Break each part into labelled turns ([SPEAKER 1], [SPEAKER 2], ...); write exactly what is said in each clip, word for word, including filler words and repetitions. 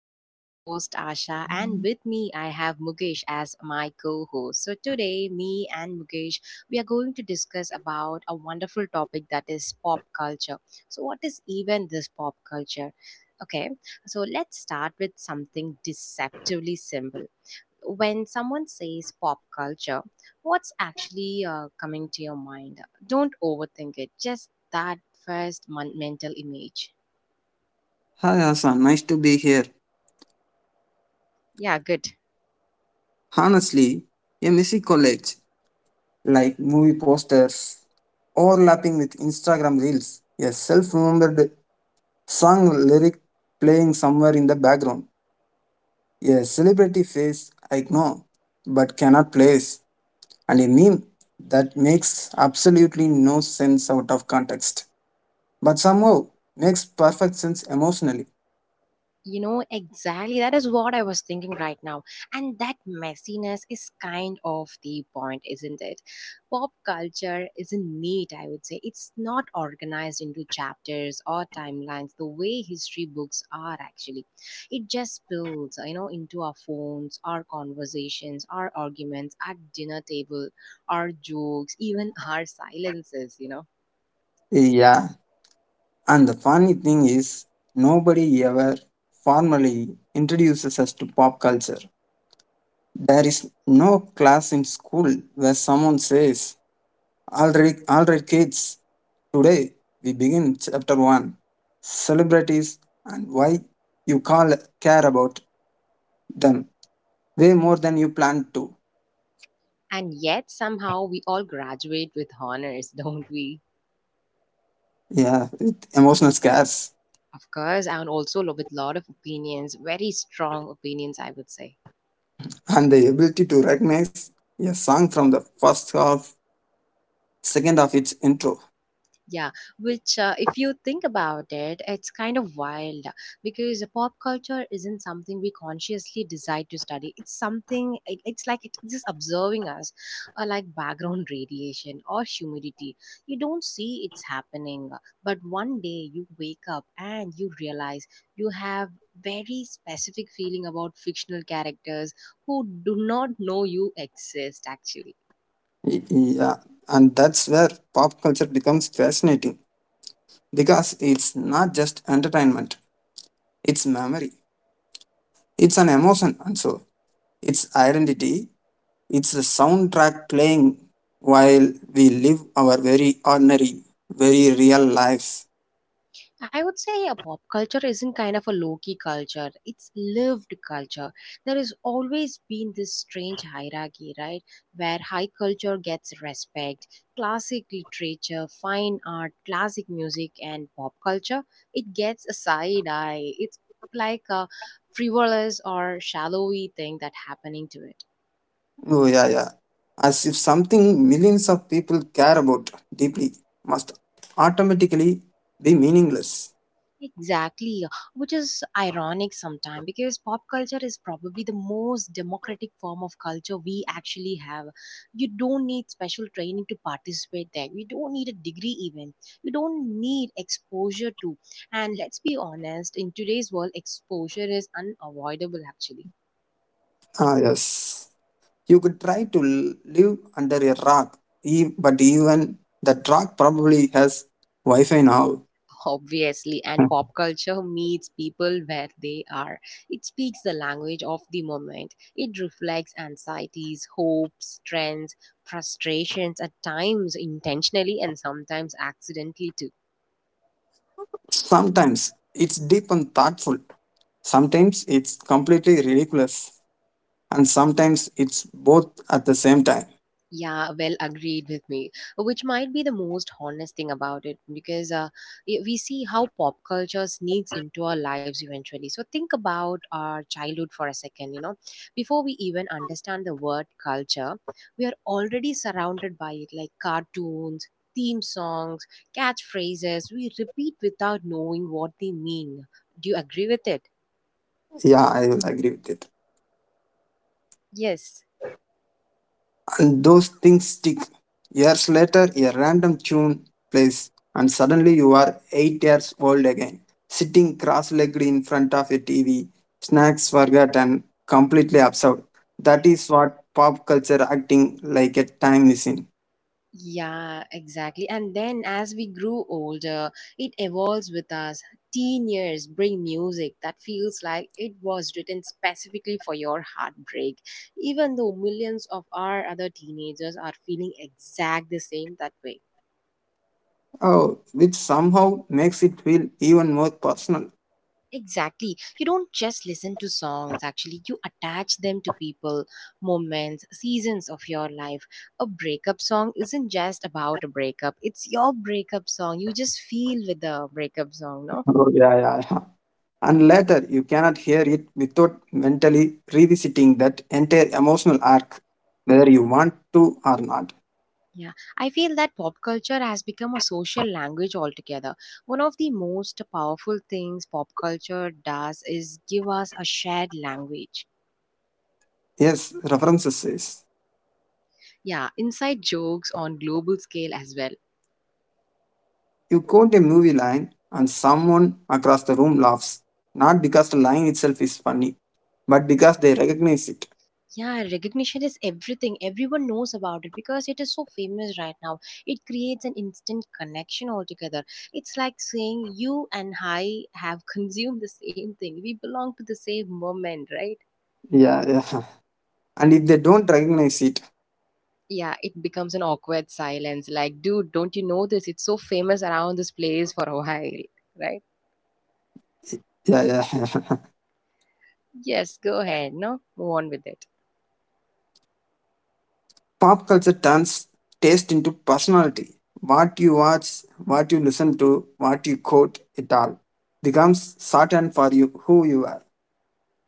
[SPEAKER 1] This is your host, Asha, and with me, I have Mukesh as my co host. So today, me and Mukesh, we are going to discuss about a wonderful topic that is pop culture. So what is even this pop culture? Okay, so let's start with something deceptively simple. When someone says pop culture, what's actually uh, coming to your mind? Don't overthink it, just that first mon- mental image.
[SPEAKER 2] Hi Asa, nice to be here.
[SPEAKER 1] Yeah, good.
[SPEAKER 2] Honestly, a messy college, like movie posters, overlapping with Instagram reels, a self-remembered song lyric playing somewhere in the background, a celebrity face I know but cannot place, and a meme that makes absolutely no sense out of context, but somehow makes perfect sense emotionally.
[SPEAKER 1] You know, exactly. That is what I was thinking right now. And that messiness is kind of the point, isn't it? Pop culture isn't neat, I would say. It's not organized into chapters or timelines the way history books are actually. It just spills, you know, into our phones, our conversations, our arguments, at dinner table, our jokes, even our silences, you know.
[SPEAKER 2] Yeah. And the funny thing is, nobody ever formally introduces us to pop culture. There is no class in school where someone says, all right, all right kids, today we begin chapter one, celebrities and why you call care about them way more than you planned to.
[SPEAKER 1] And yet somehow we all graduate with honors, don't we?
[SPEAKER 2] Yeah, with emotional scares
[SPEAKER 1] Of course, and also lo- with a lot of opinions, very strong opinions, I would say.
[SPEAKER 2] and the ability to recognize a song from the first half, second of its intro.
[SPEAKER 1] Yeah, which, uh, if you think about it, it's kind of wild because pop culture isn't something we consciously decide to study. It's something, it, it's like it's just observing us, or like background radiation or humidity. You don't see it's happening, but one day you wake up and you realize you have very specific feeling about fictional characters who do not know you exist actually.
[SPEAKER 2] Y- Yeah, and that's where pop culture becomes fascinating because it's not just entertainment, it's memory, it's an emotion, and so it's identity, it's the soundtrack playing while we live our very ordinary, very real lives.
[SPEAKER 1] I would say a pop culture isn't kind of a low key culture. It's lived culture. There has always been this strange hierarchy, right? Where high culture gets respect, classic literature, fine art, classic music, and pop culture, it gets a side eye. It's like a frivolous or shallowy thing that happening to it.
[SPEAKER 2] Oh, yeah, yeah. As if something millions of people care about deeply must automatically be meaningless.
[SPEAKER 1] Exactly, uh, which is ironic sometimes because pop culture is probably the most democratic form of culture we actually have. You don't need special training to participate there. You don't need a degree even. You don't need exposure to. And let's be honest, in today's world, exposure is unavoidable actually.
[SPEAKER 2] Ah, yes. You could try to l- live under a rock, e- but even that rock probably has Wi Fi now.
[SPEAKER 1] Obviously, and pop culture meets people where they are. It speaks the language of the moment. It reflects anxieties, hopes, trends, frustrations, at times intentionally and sometimes accidentally too.
[SPEAKER 2] Sometimes it's deep and thoughtful, sometimes it's completely ridiculous, and sometimes it's both at the same time.
[SPEAKER 1] Yeah, well agreed with me, which might be the most honest thing about it because uh, y- we see how pop culture sneaks into our lives eventually. So think about our childhood for a second, you know. Before we even understand the word culture, we are already surrounded by it, like cartoons, theme songs, catchphrases we repeat without knowing what they mean. Do you agree with it?
[SPEAKER 2] Yeah, I will agree with it.
[SPEAKER 1] Yes.
[SPEAKER 2] And those things stick. Years later, a random tune plays, and suddenly you are eight years old again, sitting cross legged in front of a T V, snacks forgotten, completely absurd. That is what pop culture acting like a time machine.
[SPEAKER 1] Yeah, exactly. And then as we grew older, it evolves with us. Teen years bring music that feels like it was written specifically for your heartbreak, even though millions of our other teenagers are feeling exact the same that way.
[SPEAKER 2] Oh, which somehow makes it feel even more personal.
[SPEAKER 1] Exactly. You don't just listen to songs, actually, you attach them to people, moments, seasons of your life. A breakup song isn't just about a breakup, it's your breakup song. You just feel with the breakup song, no?
[SPEAKER 2] Oh, yeah, yeah, yeah. And later, you cannot hear it without mentally revisiting that entire emotional arc, whether you want to or not.
[SPEAKER 1] Yeah, I feel that pop culture has become a social language altogether. One of the most powerful things pop culture does is give us a shared language.
[SPEAKER 2] Yes, references says.
[SPEAKER 1] Yeah, inside jokes on global scale as well.
[SPEAKER 2] You quote a movie line and someone across the room laughs. Not because the line itself is funny, but because they recognize it.
[SPEAKER 1] Yeah, recognition is everything. Everyone knows about it because it is so famous right now. It creates an instant connection altogether. It's like saying you and I have consumed the same thing. We belong to the same moment, right?
[SPEAKER 2] Yeah, yeah. And if they don't recognize it,
[SPEAKER 1] Yeah, it becomes an awkward silence. Like, dude, don't you know this? It's so famous around this place for a while, right?
[SPEAKER 2] yeah, yeah.
[SPEAKER 1] Yes, go ahead. No, move on with it.
[SPEAKER 2] Pop culture turns taste into personality. What you watch, what you listen to, what you quote, it all becomes certain for you who you are.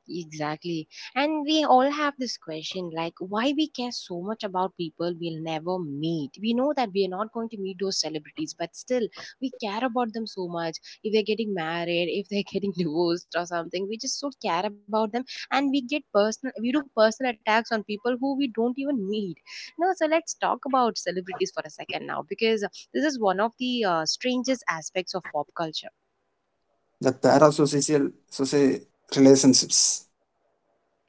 [SPEAKER 1] Exactly. And we all have this question, like, why we care so much about people we'll never meet. We know that we are not going to meet those celebrities, but still, we care about them so much. If they're getting married, if they're getting divorced or something, we just so care about them. And we get personal, we do personal attacks on people who we don't even meet. No, so let's talk about celebrities for a second now, because this is one of the uh, strangest aspects of pop culture.
[SPEAKER 2] The parasocial social relationships.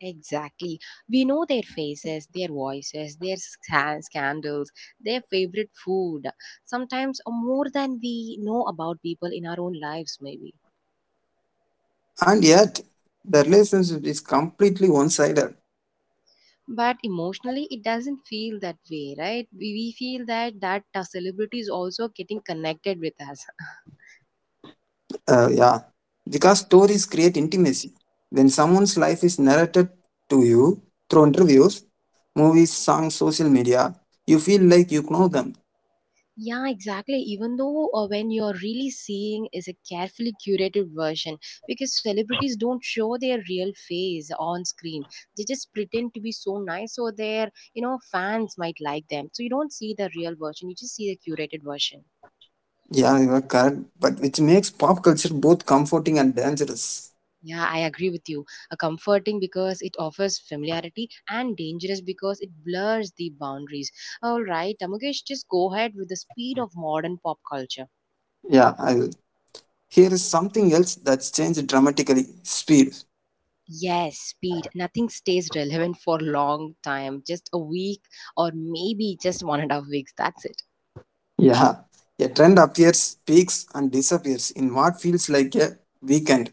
[SPEAKER 1] Exactly. We know their faces, their voices, their scan- scandals, their favorite food, sometimes uh, more than we know about people in our own lives, maybe.
[SPEAKER 2] And yet, the relationship is completely one sided.
[SPEAKER 1] But emotionally, it doesn't feel that way, right? We, we feel that that uh, celebrity is also getting connected with us.
[SPEAKER 2] Uh, yeah, because stories create intimacy. When someone's life is narrated to you through interviews, movies, songs, social media, you feel like you know them.
[SPEAKER 1] Yeah, exactly. Even though uh, when you're really seeing is a carefully curated version because celebrities don't show their real face on screen. They just pretend to be so nice so their, you know, fans might like them. So you don't see the real version, you just see the curated version.
[SPEAKER 2] Yeah, you are correct, but which makes pop culture both comforting and dangerous.
[SPEAKER 1] Yeah, I agree with you. A comforting because it offers familiarity and dangerous because it blurs the boundaries. All right, Tamukesh, just go ahead with the speed of modern pop culture.
[SPEAKER 2] Yeah, I will. Here is something else that's changed dramatically speed.
[SPEAKER 1] Yes, speed. Nothing stays relevant for long time, just a week or maybe just one and a half weeks. That's it.
[SPEAKER 2] Yeah, a trend appears, peaks, and disappears in what feels like a weekend,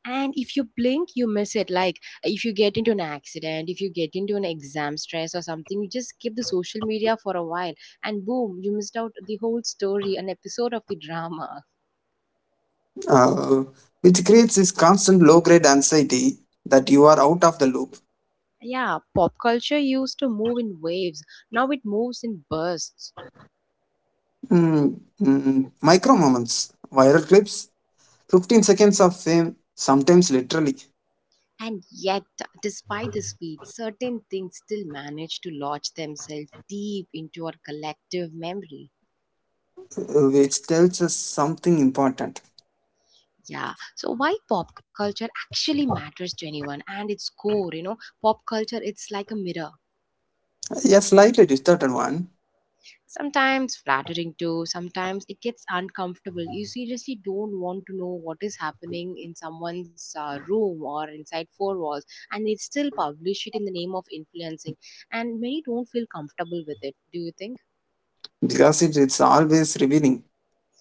[SPEAKER 1] And if you blink, you miss it. Like if you get into an accident, if you get into an exam stress or something, you just skip the social media for a while and boom, you missed out the whole story, an episode of the drama.
[SPEAKER 2] uh, which creates this constant low grade anxiety that you are out of the loop.
[SPEAKER 1] Yeah, pop culture used to move in waves. Now it moves in bursts.
[SPEAKER 2] Mm, mm, micro moments, viral clips, fifteen seconds of fame, sometimes literally,
[SPEAKER 1] And yet, despite the speed, certain things still manage to lodge themselves deep into our collective memory.
[SPEAKER 2] uh, which tells us something important.
[SPEAKER 1] Yeah. So why pop culture actually matters to anyone and its core, you know, pop culture it's like a mirror.
[SPEAKER 2] Yeah, slightly distorted one
[SPEAKER 1] Sometimes flattering too, sometimes it gets uncomfortable. You seriously don't want to know what is happening in someone's uh, room or inside four walls, and they still publish it in the name of influencing. And many don't feel comfortable with it, do you think?
[SPEAKER 2] because it, it's always revealing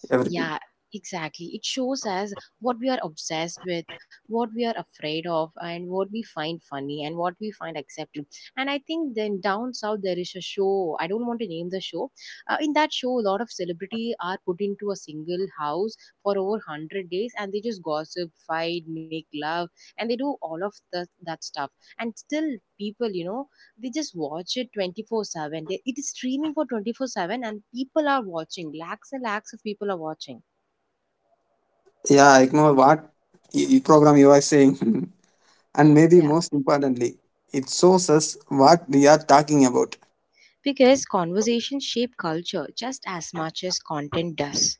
[SPEAKER 2] everything.
[SPEAKER 1] Yeah, exactly. It shows us what we are obsessed with, what we are afraid of, and what we find funny and what we find acceptable. And I think then down south there is a show. I don't want to name the show. Uh, in that show, a lot of celebrity are put into a single house for over hundred days, and they just gossip, fight, make love, and they do all of the, that stuff. And still, people, you know, they just watch it twenty four seven, they, it is streaming for twenty four seven and people are watching lakhs and lakhs of people are watching.
[SPEAKER 2] Yeah, I know what y- y- program you are saying, and maybe
[SPEAKER 1] Yeah,
[SPEAKER 2] most importantly, it shows us what we are talking about.
[SPEAKER 1] because conversations shape culture just as much as content does.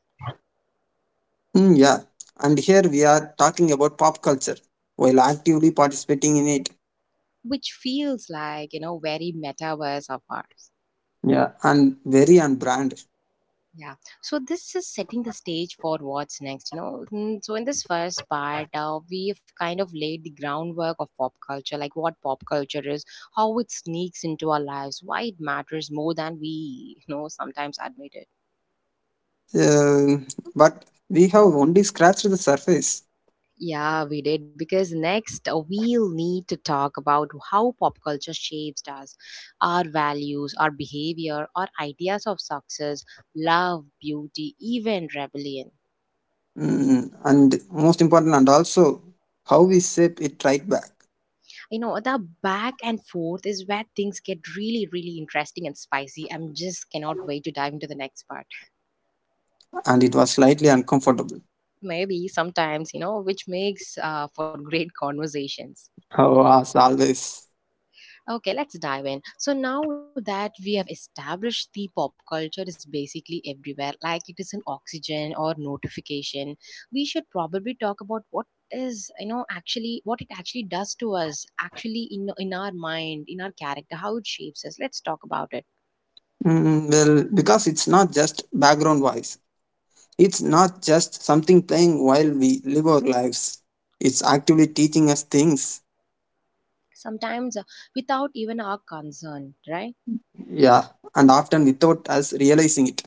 [SPEAKER 2] Mm, yeah, and here we are talking about pop culture while actively participating in it.
[SPEAKER 1] Which feels like, you know, very metaverse of ours.
[SPEAKER 2] Yeah, and very on brand.
[SPEAKER 1] Yeah, so this is setting the stage for what's next, you know. Mm, so in this first part uh, we've kind of laid the groundwork of pop culture, like what pop culture is, how it sneaks into our lives, why it matters more than we, you know, sometimes admit it.
[SPEAKER 2] Um, but we have only scratched the surface.
[SPEAKER 1] Yeah, we did, because next uh, we'll need to talk about how pop culture shapes us, our values, our behavior, our ideas of success, love, beauty, even rebellion.
[SPEAKER 2] Mm, and most important, and also how we shape it right back.
[SPEAKER 1] You know, the back and forth is where things get really, really interesting and spicy. I'm just cannot wait to dive into the next part.
[SPEAKER 2] And it was slightly uncomfortable.
[SPEAKER 1] Maybe sometimes, you know, which makes uh, for great conversations.
[SPEAKER 2] Oh, as always.
[SPEAKER 1] Okay, let's dive in. So now that we have established the pop culture is basically everywhere, like it is an oxygen or notification, we should probably talk about what is, you know, actually what it actually does to us actually in in our mind, in our character, how it shapes us. Let's talk about it.
[SPEAKER 2] Mm, well, because it's not just background voice. It's not just something playing while we live our lives. It's actively teaching us things.
[SPEAKER 1] Sometimes uh, without even our concern, right?
[SPEAKER 2] Yeah, and often without us realizing it.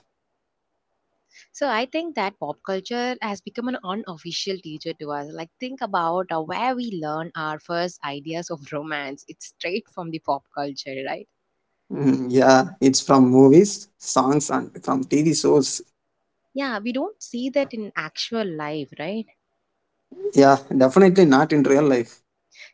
[SPEAKER 1] So I think that pop culture has become an unofficial teacher to us. Like think about uh, where we learn our first ideas of romance. It's straight from the pop culture, right?
[SPEAKER 2] Mm, yeah, it's from movies, songs, and from T V shows.
[SPEAKER 1] Yeah, we don't see that in actual life, right?
[SPEAKER 2] Yeah, definitely not in real life.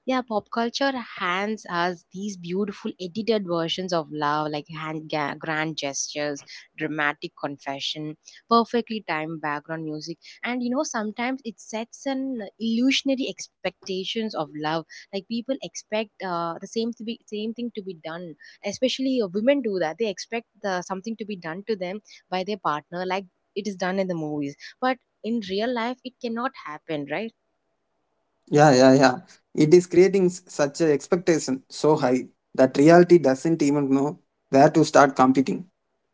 [SPEAKER 1] Yeah, pop culture hands us these beautiful edited versions of love, like hand ga- grand gestures, dramatic confession, perfectly timed background music, and you know sometimes it sets an illusionary expectations of love. Like people expect uh, the same to be same thing to be done. Especially uh, women do that; they expect the, something to be done to them by their partner, like it is done in the movies. But in real life, it cannot happen, right?
[SPEAKER 2] Yeah, yeah, yeah. It is creating s- such a expectation so high that reality doesn't even know where to start competing.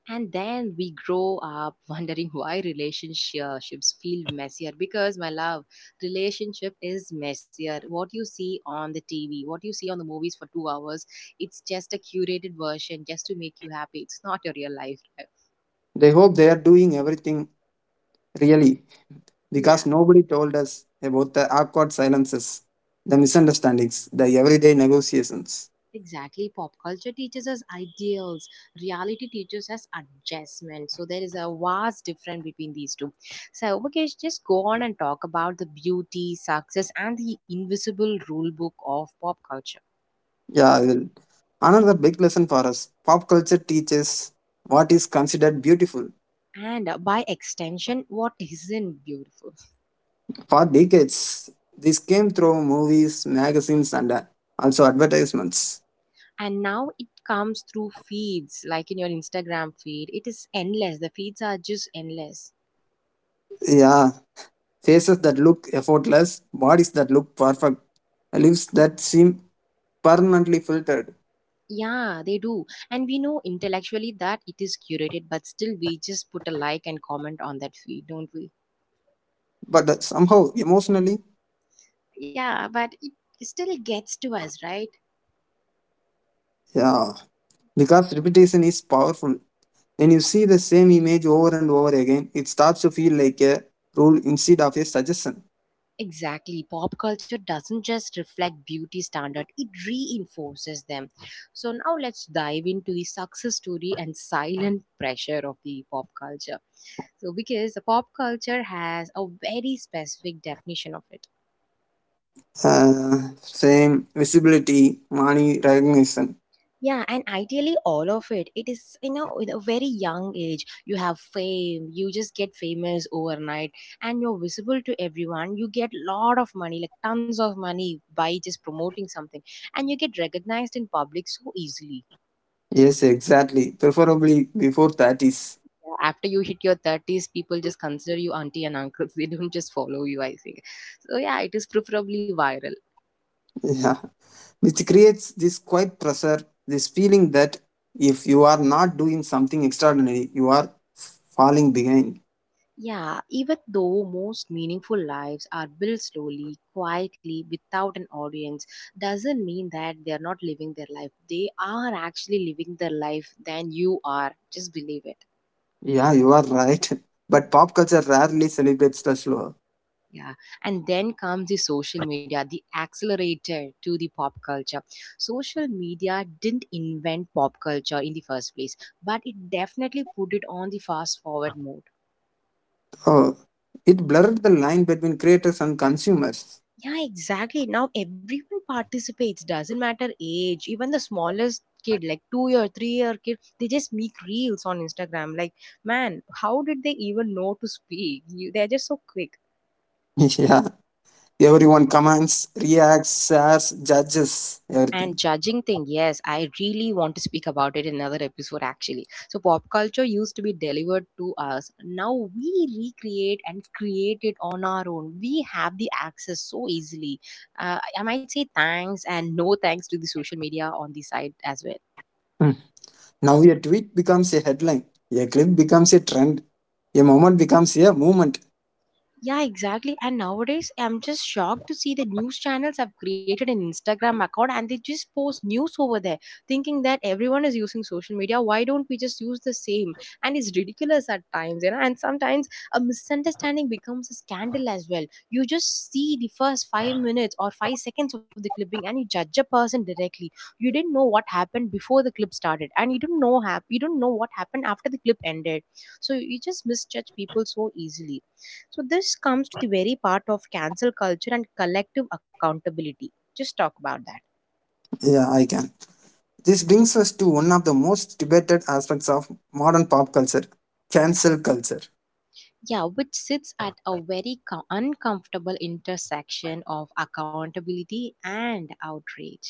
[SPEAKER 1] And then we grow up wondering why relationships feel messier. Because, my love, relationship is messier. What you see on the T V, what you see on the movies for two hours, it's just a curated version just to make you happy. It's not your real life.
[SPEAKER 2] They hope they are doing everything really
[SPEAKER 1] Yeah,
[SPEAKER 2] because nobody told us about the awkward silences, the misunderstandings, the everyday negotiations.
[SPEAKER 1] exactly. Pop culture teaches us ideals, reality teaches us adjustment. So there is a vast difference between these two. So, Mukesh, just go on and talk about the beauty, success, and the invisible rule book of pop culture.
[SPEAKER 2] Yeah, I will. Another big lesson for us pop culture teaches what is considered beautiful.
[SPEAKER 1] and uh, by extension what isn't beautiful.
[SPEAKER 2] For decades, this came through movies, magazines, and uh, also advertisements.
[SPEAKER 1] And now it comes through feeds. Like in your Instagram feed, it is endless. The feeds are just endless.
[SPEAKER 2] Yeah, faces that look effortless, bodies that look perfect, lips that seem permanently filtered,
[SPEAKER 1] Yeah, they do, and we know intellectually that it is curated, but still we just put a like and comment on that feed, don't we?
[SPEAKER 2] but that somehow emotionally,
[SPEAKER 1] Yeah, but it still gets to us, right?
[SPEAKER 2] yeah, because repetition is powerful. When you see the same image over and over again, it starts to feel like a rule instead of a suggestion.
[SPEAKER 1] Exactly. Pop culture doesn't just reflect beauty standard, it reinforces them. So now let's dive into the success story and silent pressure of the pop culture. So because the pop culture has a very specific definition of it.
[SPEAKER 2] Uh, same visibility, money recognition.
[SPEAKER 1] Yeah, and ideally all of it. It is, you know, with a very young age, you have fame, you just get famous overnight, and you're visible to everyone. You get lot of money, like tons of money by just promoting something, and you get recognized in public so easily.
[SPEAKER 2] Yes, exactly. Preferably before thirties.
[SPEAKER 1] Yeah, after you hit your thirties, people just consider you auntie and uncles. They don't just follow you, I think. So yeah, it is preferably viral.
[SPEAKER 2] Yeah. Which creates this quiet pressure, this feeling that if you are not doing something extraordinary, you are falling behind.
[SPEAKER 1] Yeah, even though most meaningful lives are built slowly, quietly, without an audience, doesn't mean that they're not living their life. They are actually living their life than you are. Just believe it.
[SPEAKER 2] Yeah, you are right. But pop culture rarely celebrates the slow.
[SPEAKER 1] Yeah. And then comes the social media, the accelerator to the pop culture. Social media didn't invent pop culture in the first place, but it definitely put it on the fast forward mode.
[SPEAKER 2] Oh, it blurred the line between creators and consumers.
[SPEAKER 1] Yeah, exactly. Now everyone participates, doesn't matter age, even the smallest kid, like two year, three year kid, they just make reels on Instagram. Like, man, how did they even know to speak? You, they're just so quick.
[SPEAKER 2] Yeah, everyone comments, reacts, shares, judges,
[SPEAKER 1] And
[SPEAKER 2] everything.
[SPEAKER 1] judging thing, yes, I really want to speak about it in another episode actually. So pop culture used to be delivered to us. Now we recreate and create it on our own. We have the access so easily. Uh, I might say thanks and no thanks to the social media on the side as well.
[SPEAKER 2] Mm. Now a tweet becomes a headline, a clip becomes a trend, a moment becomes a movement.
[SPEAKER 1] Yeah, exactly. And nowadays, I'm just shocked to see the news channels have created an Instagram account and they just post news over there, thinking that everyone is using social media. Why don't we just use the same? And it's ridiculous at times, you know. And sometimes a misunderstanding becomes a scandal as well. You just see the first five minutes or five seconds of the clipping and you judge a person directly. You didn't know what happened before the clip started, and you don't know hap- you don't know what happened after the clip ended. So you just misjudge people so easily. So this comes to the very part of cancel culture and collective accountability. Just talk about that.
[SPEAKER 2] Yeah, I can. This brings us to one of the most debated aspects of modern pop culture cancel culture.
[SPEAKER 1] Yeah, which sits at a very co- uncomfortable intersection of accountability and outrage.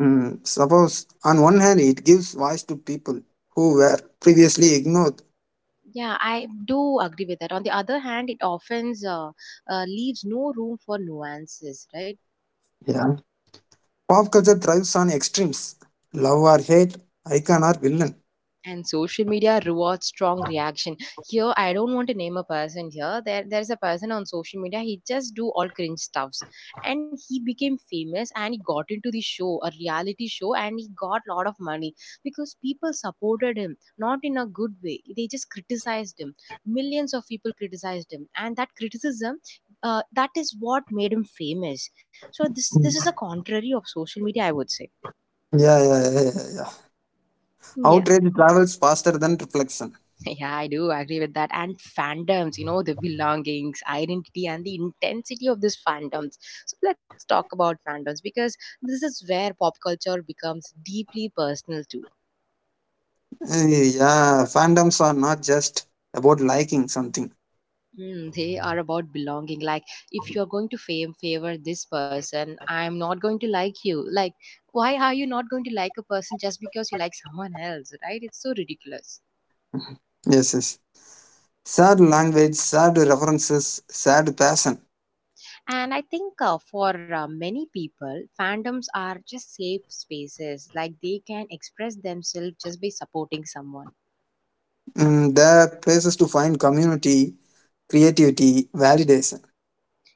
[SPEAKER 2] Mm, suppose, on one hand, it gives voice to people who were previously ignored.
[SPEAKER 1] Yeah, I do agree with that. On the other hand, it often uh, uh, leaves no room for nuances, right?
[SPEAKER 2] Yeah. Pop culture thrives on extremes love or hate, icon or villain.
[SPEAKER 1] And social media rewards strong reaction. Here I don't want to name a person here. There there's a person on social media, he just do all cringe stuffs, and he became famous, and he got into the show, a reality show, and he got lot of money because people supported him, not in a good way, they just criticized him. Millions of people criticized him, and that criticism, uh, that is what made him famous. So this this is a contrary of social media, I would say.
[SPEAKER 2] Yeah, yeah, yeah, yeah. Yeah.
[SPEAKER 1] Yeah.
[SPEAKER 2] Outrage travels faster than reflection.
[SPEAKER 1] Yeah, I do agree with that. And fandoms, you know, the belongings, identity, and the intensity of these fandoms. So let's talk about fandoms because this is where pop culture becomes deeply personal too.
[SPEAKER 2] Eh, Yeah, fandoms are not just about liking something.
[SPEAKER 1] Mm, they are about belonging. Like, if you're going to fame favor this person, I'm not going to like you. Like, why are you not going to like a person just because you like someone else, right? It's so ridiculous.
[SPEAKER 2] Yes, yes. Sad language, sad references, sad passion.
[SPEAKER 1] And I think uh, for uh, many people, fandoms are just safe spaces. Like they can express themselves just by supporting someone.
[SPEAKER 2] Mm, there are places to find community, creativity, validation.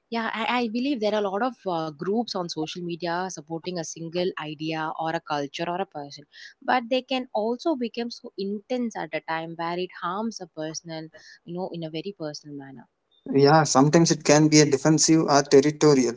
[SPEAKER 1] Yeah, I, I believe there are a lot of uh, groups on social media supporting a single idea or a culture or a person. But they can also become so intense at a time where it harms a person, you know, in a very personal manner.
[SPEAKER 2] Yeah, sometimes it can be a defensive or territorial.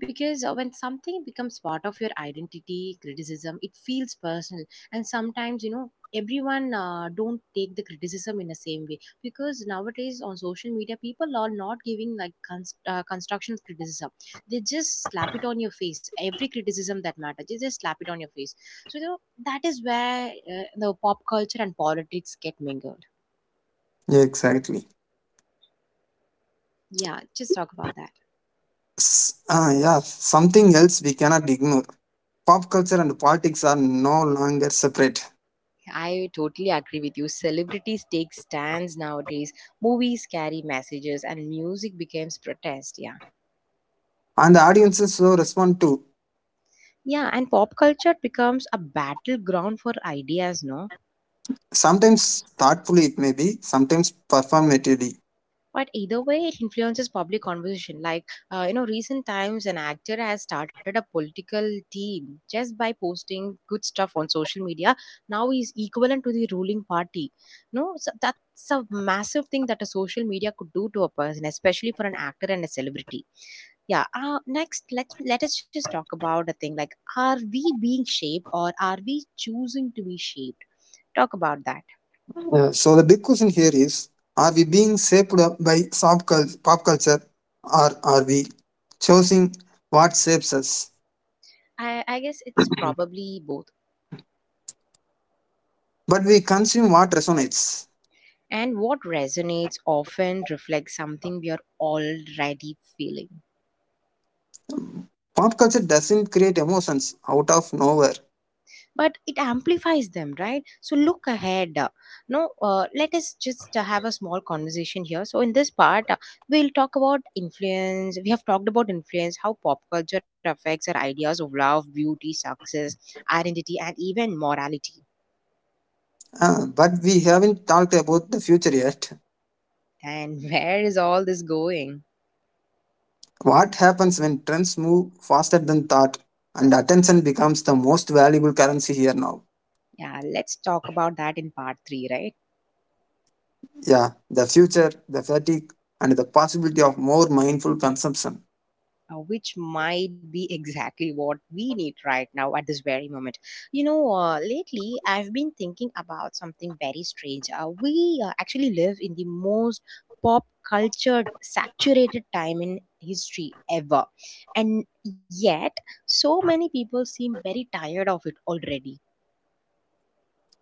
[SPEAKER 1] because uh, when something becomes part of your identity, criticism, it feels personal. And sometimes, you know, everyone uh, don't take the criticism in the same way, because nowadays on social media people are not giving like const- uh, construction criticism. They just slap it on your face, every criticism that matters they just slap it on your face. So, you know, that is where uh, the pop culture and politics get mingled.
[SPEAKER 2] Yeah, exactly.
[SPEAKER 1] Yeah, just talk about that.
[SPEAKER 2] S- ah, yeah, something else we cannot ignore. Pop culture and politics are no longer separate,
[SPEAKER 1] I totally agree with you. Celebrities take stands nowadays. Movies carry messages, and music becomes protest. Yeah,
[SPEAKER 2] and the audiences so respond to
[SPEAKER 1] yeah, and pop culture becomes a battleground for ideas. No,
[SPEAKER 2] sometimes thoughtfully, it may be sometimes performatively.
[SPEAKER 1] but either way, it influences public conversation. Like uh, you know, recent times, an actor has started a political team just by posting good stuff on social media. Now he's equivalent to the ruling party. No, so that's a massive thing that a social media could do to a person, especially for an actor and a celebrity. Yeah. Uh, next, let's let us just talk about the thing like, are we being shaped or are we choosing to be shaped? Talk about that.
[SPEAKER 2] Yeah, so the big question here is: are we being shaped up by soft cul- pop culture, or are we choosing what shapes us?
[SPEAKER 1] I, I guess it's probably both.
[SPEAKER 2] But we consume what resonates.
[SPEAKER 1] And what resonates often reflects something we are already feeling.
[SPEAKER 2] Pop culture doesn't create emotions out of nowhere.
[SPEAKER 1] But it amplifies them, right? So look ahead. Uh, no uh, Let us just uh, have a small conversation here. So in this part, uh, we'll talk about influence. We have talked about influence, how pop culture affects our ideas of love, beauty, success, identity, and even morality.
[SPEAKER 2] Ah, but we haven't talked about the future yet.
[SPEAKER 1] And where is all this going?
[SPEAKER 2] What happens when trends move faster than thought and attention becomes the most valuable currency here now?
[SPEAKER 1] Yeah, let's talk about that in part three, right?
[SPEAKER 2] Yeah, the future, the fatigue, and the possibility of more mindful consumption.
[SPEAKER 1] Uh, which might be exactly what we need right now at this very moment. You know, uh, lately I've been thinking about something very strange. Uh, we uh, actually live in the most pop culture saturated time in history ever, and yet so many people seem very tired of it already.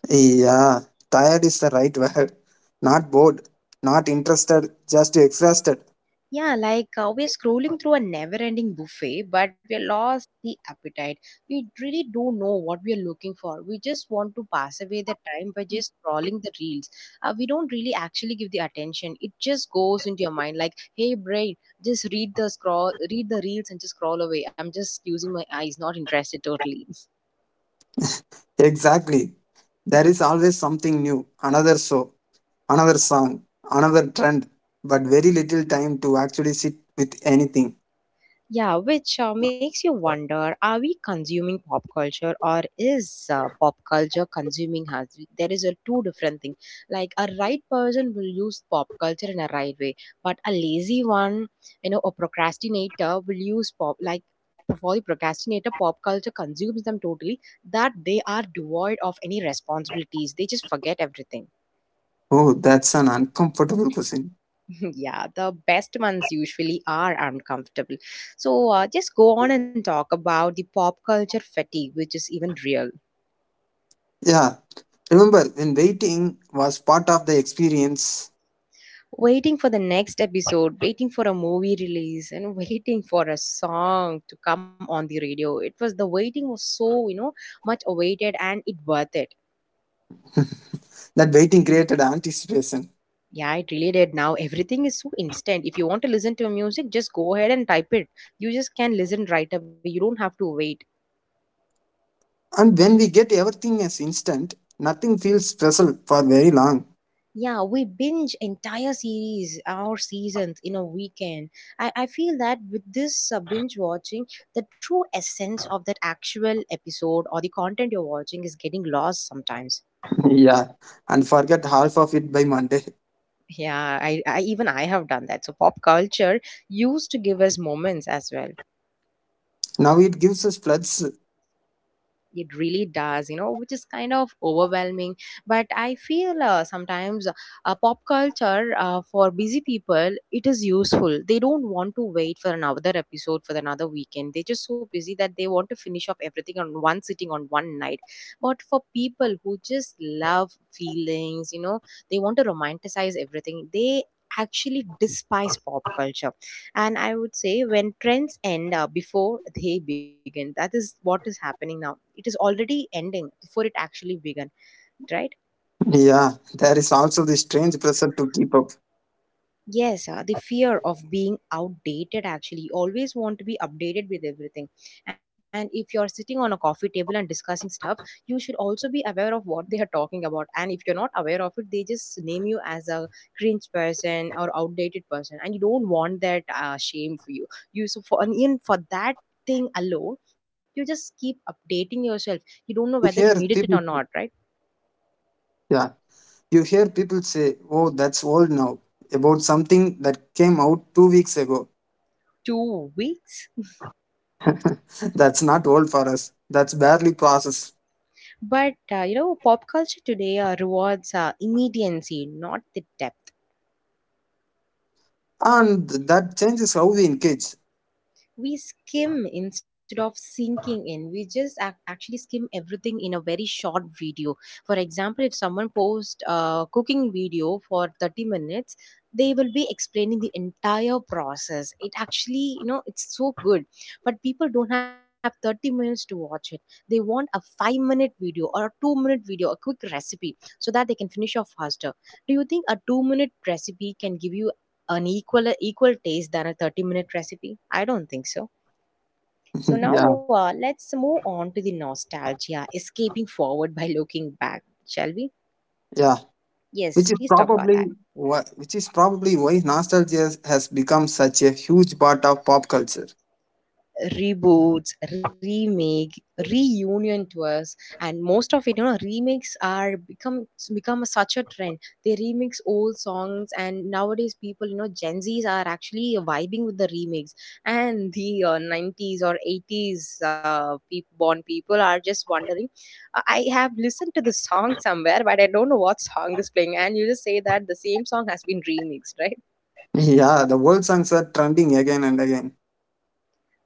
[SPEAKER 2] Yeah, tired is the right word. Not bored, not interested, just exhausted.
[SPEAKER 1] Yeah, like uh, we're scrolling through a never ending buffet, but we lost the appetite. We really don't know what we're looking for. We just want to pass away the time by just scrolling the reels. Uh, we don't really actually give the attention. It just goes into your mind like, hey, brain, just read the scroll, read the reels and just scroll away. I'm just using my eyes, not interested totally.
[SPEAKER 2] Exactly. There is always something new, another show, another song, another trend, but very little time to actually sit with anything.
[SPEAKER 1] Yeah, which uh, makes you wonder, are we consuming pop culture or is uh, pop culture consuming us? There is a two different thing. Like a right person will use pop culture in a right way, but a lazy one, you know, a procrastinator will use pop, like for the procrastinator, pop culture consumes them totally that they are devoid of any responsibilities. They just forget everything.
[SPEAKER 2] Oh, that's an uncomfortable question.
[SPEAKER 1] Yeah, the best ones usually are uncomfortable. So uh, just go on and talk about the pop culture fatigue, which is even real.
[SPEAKER 2] Yeah, remember when waiting was part of the experience,
[SPEAKER 1] Waiting for the next episode, waiting for a movie release, and waiting for a song to come on the radio. It was, the waiting was so, you know, much awaited and it worth it.
[SPEAKER 2] that waiting created anticipation.
[SPEAKER 1] Yeah, it really did. Now everything is so instant. If you want to listen to music, just go ahead and type it. You just can listen right away. You don't have to wait.
[SPEAKER 2] And when we get everything as instant, nothing feels special for very long.
[SPEAKER 1] Yeah, we binge entire series or seasons in a weekend. I, I feel that with this uh, binge watching, the true essence of that actual episode or the content you're watching is getting lost sometimes.
[SPEAKER 2] Yeah, and forget half of it by Monday.
[SPEAKER 1] Yeah, I, I even I have done that. So pop culture used to give us moments as well.
[SPEAKER 2] Now it gives us floods.
[SPEAKER 1] It really does, you know, which is kind of overwhelming. But I feel uh, sometimes uh, pop culture uh, for busy people, it is useful. They don't want to wait for another episode for another weekend. They're just so busy that they want to finish off everything on one sitting on one night. But for people who just love feelings, you know, they want to romanticize everything. They actually despise pop culture. And I would say when trends end uh, before they begin, that is what is happening now. It is already ending before it actually began, right?
[SPEAKER 2] Yeah, there is also the strange pressure to keep up.
[SPEAKER 1] Yes, uh, the fear of being outdated actually. You always want to be updated with everything. And if you're sitting on a coffee table and discussing stuff, you should also be aware of what they are talking about. And if you're not aware of it, they just name you as a cringe person or outdated person. And you don't want that uh, shame for you. You so for and even for that thing alone, you just keep updating yourself. You
[SPEAKER 2] Yeah,
[SPEAKER 1] don't know
[SPEAKER 2] you
[SPEAKER 1] whether
[SPEAKER 2] hear
[SPEAKER 1] you needed it
[SPEAKER 2] people.
[SPEAKER 1] or not, right?
[SPEAKER 2] Yeah, you hear people say, oh, that's old now, about something that came out two weeks ago.
[SPEAKER 1] Two weeks.
[SPEAKER 2] That's not old for us. That's barely processed.
[SPEAKER 1] But uh, you know, pop culture today uh, rewards uh, immediacy, not the depth.
[SPEAKER 2] And that changes how we engage.
[SPEAKER 1] We skim instead of sinking in. We just ac- actually skim everything in a very short video. For example, if someone posts a cooking video for thirty minutes, they will be explaining the entire process. It actually, you know, it's so good, but people don't have thirty minutes to watch it. They want a five minute video or a two minute video, a quick recipe, so that they can finish off faster. Do you think a two minute recipe can give you an equal equal taste than a thirty minute recipe? I don't think so. So now
[SPEAKER 2] Yeah,
[SPEAKER 1] uh, let's move on to the nostalgia, escaping forward by looking back, shall we?
[SPEAKER 2] yeah. Which
[SPEAKER 1] Yes,
[SPEAKER 2] is
[SPEAKER 1] please talk about
[SPEAKER 2] probably
[SPEAKER 1] that.
[SPEAKER 2] why, which is probably why nostalgia has become such a huge part of pop culture.
[SPEAKER 1] Reboots, remake, reunion tours, and most of it, you know, remakes are become become such a trend. They remix old songs, and nowadays people, you know, Gen Zs are actually vibing with the remakes, and the uh, nineties or eighties uh, peop born people are just wondering. I I have listened to the song somewhere, but I don't know what song is playing, and you just say that the same song has been remixed, right?
[SPEAKER 2] Yeah, the old songs are trending again and again.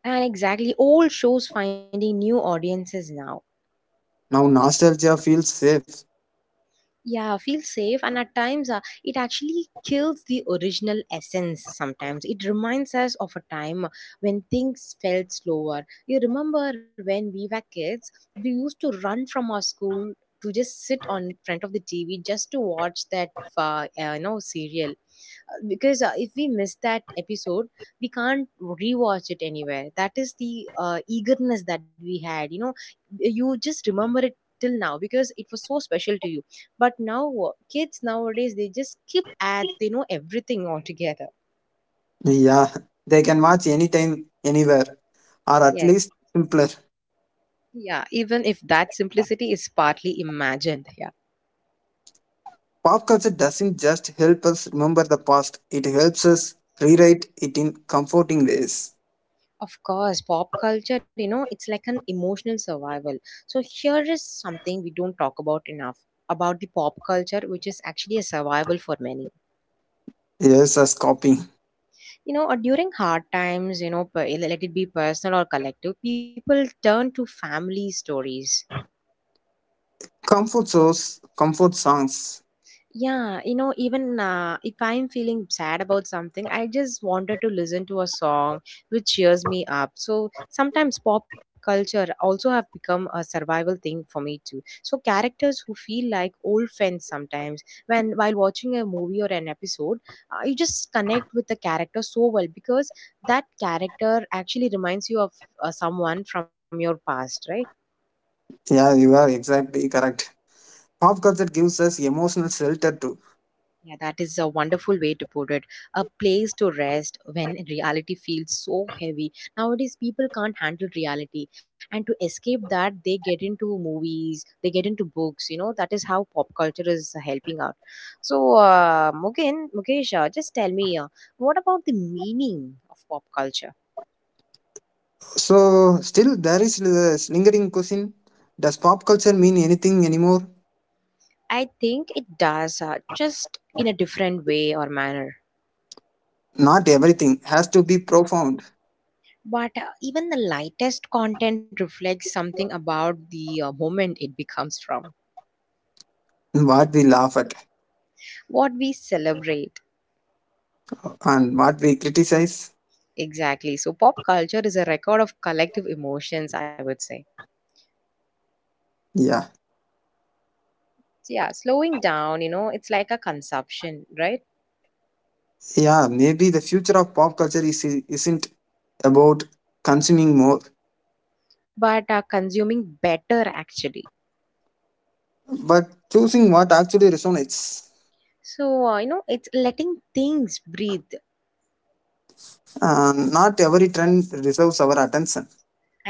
[SPEAKER 1] And exactly, all shows finding new audiences now.
[SPEAKER 2] Now nostalgia feels safe.
[SPEAKER 1] Yeah, feel safe, and at times uh, it actually kills the original essence. Sometimes it reminds us of a time when things felt slower. You remember when we were kids, we used to run from our school to just sit on front of the TV just to watch that uh, uh, you know, serial, because uh, if we miss that episode, we can't rewatch it anywhere. That is the uh, eagerness that we had, you know. You just remember it till now because it was so special to you. But now uh, kids nowadays, they just skip ads, they know everything altogether.
[SPEAKER 2] Yeah, they can watch anytime, anywhere, or at
[SPEAKER 1] Yes.
[SPEAKER 2] least simpler.
[SPEAKER 1] Yeah, even if that simplicity is partly imagined. Yeah.
[SPEAKER 2] Pop culture doesn't just help us remember the past, it helps us rewrite it in comforting ways.
[SPEAKER 1] Of course, pop culture, you know, it's like an emotional survival. So, here is something we don't talk about enough about the pop culture, which is actually a survival for many.
[SPEAKER 2] Yes, as copying.
[SPEAKER 1] You know, uh, during hard times, you know, per- let it be personal or collective, people turn to family stories.
[SPEAKER 2] Comfort shows, comfort songs.
[SPEAKER 1] Yeah, you know, even uh, if I'm feeling sad about something, I just wanted to listen to a song which cheers me up. So sometimes pop culture also have become a survival thing for me too. So characters who feel like old friends sometimes, when while watching a movie or an episode, uh, you just connect with the character so well because that character actually reminds you of uh, someone from your past, right?
[SPEAKER 2] Yeah, you are exactly correct. Pop culture gives us emotional shelter too.
[SPEAKER 1] Yeah, that is a wonderful way to put it. A place to rest when reality feels so heavy. Nowadays, people can't handle reality, and to escape that, they get into movies, they get into books. You know, that is how pop culture is helping out. So, uh, Mugen, Mukesh, uh, just tell me, uh, what about the meaning of pop culture?
[SPEAKER 2] So, still, there is this lingering question: does pop culture mean anything anymore?
[SPEAKER 1] I think it does, uh, just in a different way or manner.
[SPEAKER 2] Not everything has to be profound.
[SPEAKER 1] But uh, even the lightest content reflects something about the uh, moment it becomes from.
[SPEAKER 2] What we laugh at
[SPEAKER 1] What we celebrate.
[SPEAKER 2] and what we criticize.
[SPEAKER 1] Exactly. So pop culture is a record of collective emotions, I would say.
[SPEAKER 2] Yeah.
[SPEAKER 1] So yeah, slowing down, you know, it's like a consumption, right?
[SPEAKER 2] Yeah, maybe the future of pop culture is, isn't about consuming more,
[SPEAKER 1] But uh, consuming better actually.
[SPEAKER 2] but choosing what actually resonates.
[SPEAKER 1] So uh, you know, it's letting things breathe,
[SPEAKER 2] Uh, not every trend deserves our attention.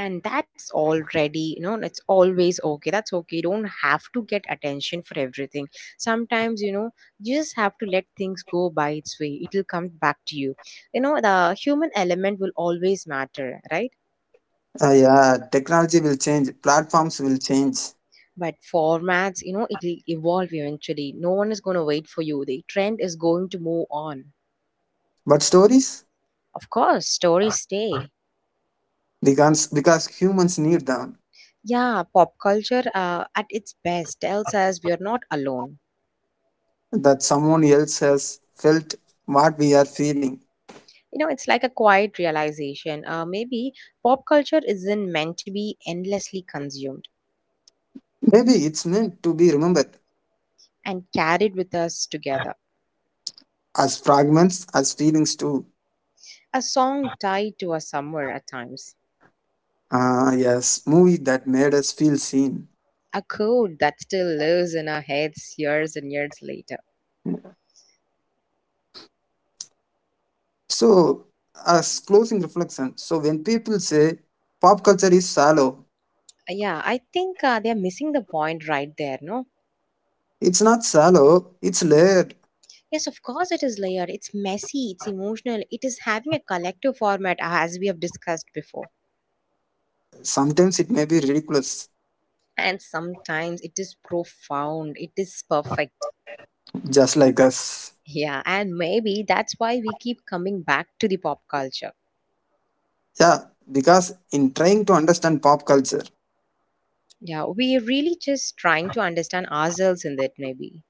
[SPEAKER 1] and that's already, you know, it's always okay. That's okay. You don't have to get attention for everything. Sometimes, you know, you just have to let things go by its way. It'll come back to you. You know, the human element will always matter, right?
[SPEAKER 2] Uh, yeah, technology will change, platforms will change,
[SPEAKER 1] But formats, you know, it'll evolve eventually. No one is going to wait for you. The trend is going to move on.
[SPEAKER 2] but stories,
[SPEAKER 1] Of course, stories stay.
[SPEAKER 2] because, because humans need them,
[SPEAKER 1] Yeah, pop culture uh, at its best tells us we are not alone.
[SPEAKER 2] that someone else has felt what we are feeling.
[SPEAKER 1] You know, it's like a quiet realization. Uh, maybe pop culture isn't meant to be endlessly consumed
[SPEAKER 2] Maybe it's meant to be remembered
[SPEAKER 1] and carried with us together.
[SPEAKER 2] as fragments, as feelings too.
[SPEAKER 1] A song tied to a summer at times.
[SPEAKER 2] Ah, yes, movie that made us feel seen.
[SPEAKER 1] A code that still lives in our heads years and years later.
[SPEAKER 2] So, as closing reflection, so when people say pop culture is shallow,
[SPEAKER 1] Uh, Yeah, I think uh, they're missing the point right there, no?
[SPEAKER 2] it's not shallow, it's layered.
[SPEAKER 1] Yes, of course it is layered. It's messy, it's emotional, it is having a collective format uh, as we have discussed before.
[SPEAKER 2] Sometimes it may be ridiculous,
[SPEAKER 1] And sometimes it is profound, it is perfect.
[SPEAKER 2] just like us.
[SPEAKER 1] Yeah, and maybe that's why we keep coming back to the pop culture.
[SPEAKER 2] Yeah, because in trying to understand pop culture,
[SPEAKER 1] Yeah, we're really just trying to understand ourselves in that, maybe.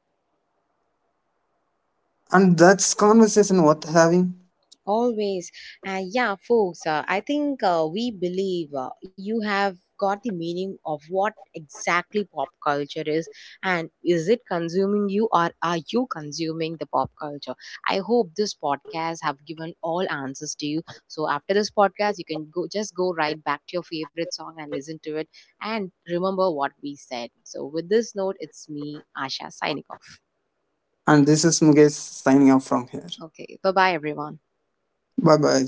[SPEAKER 2] and that's conversation worth having.
[SPEAKER 1] Always. Uh, yeah, folks, uh, I think uh, we believe uh, you have got the meaning of what exactly pop culture is, and is it consuming you or are you consuming the pop culture. I hope this podcast have given all answers to you, so after this podcast you can go, just go right back to your favorite song and listen to it and remember what we said. So with this note, it's me, Asha, signing off.
[SPEAKER 2] And this is Mugesh signing off from here.
[SPEAKER 1] Okay, bye bye everyone.
[SPEAKER 2] Bye bye.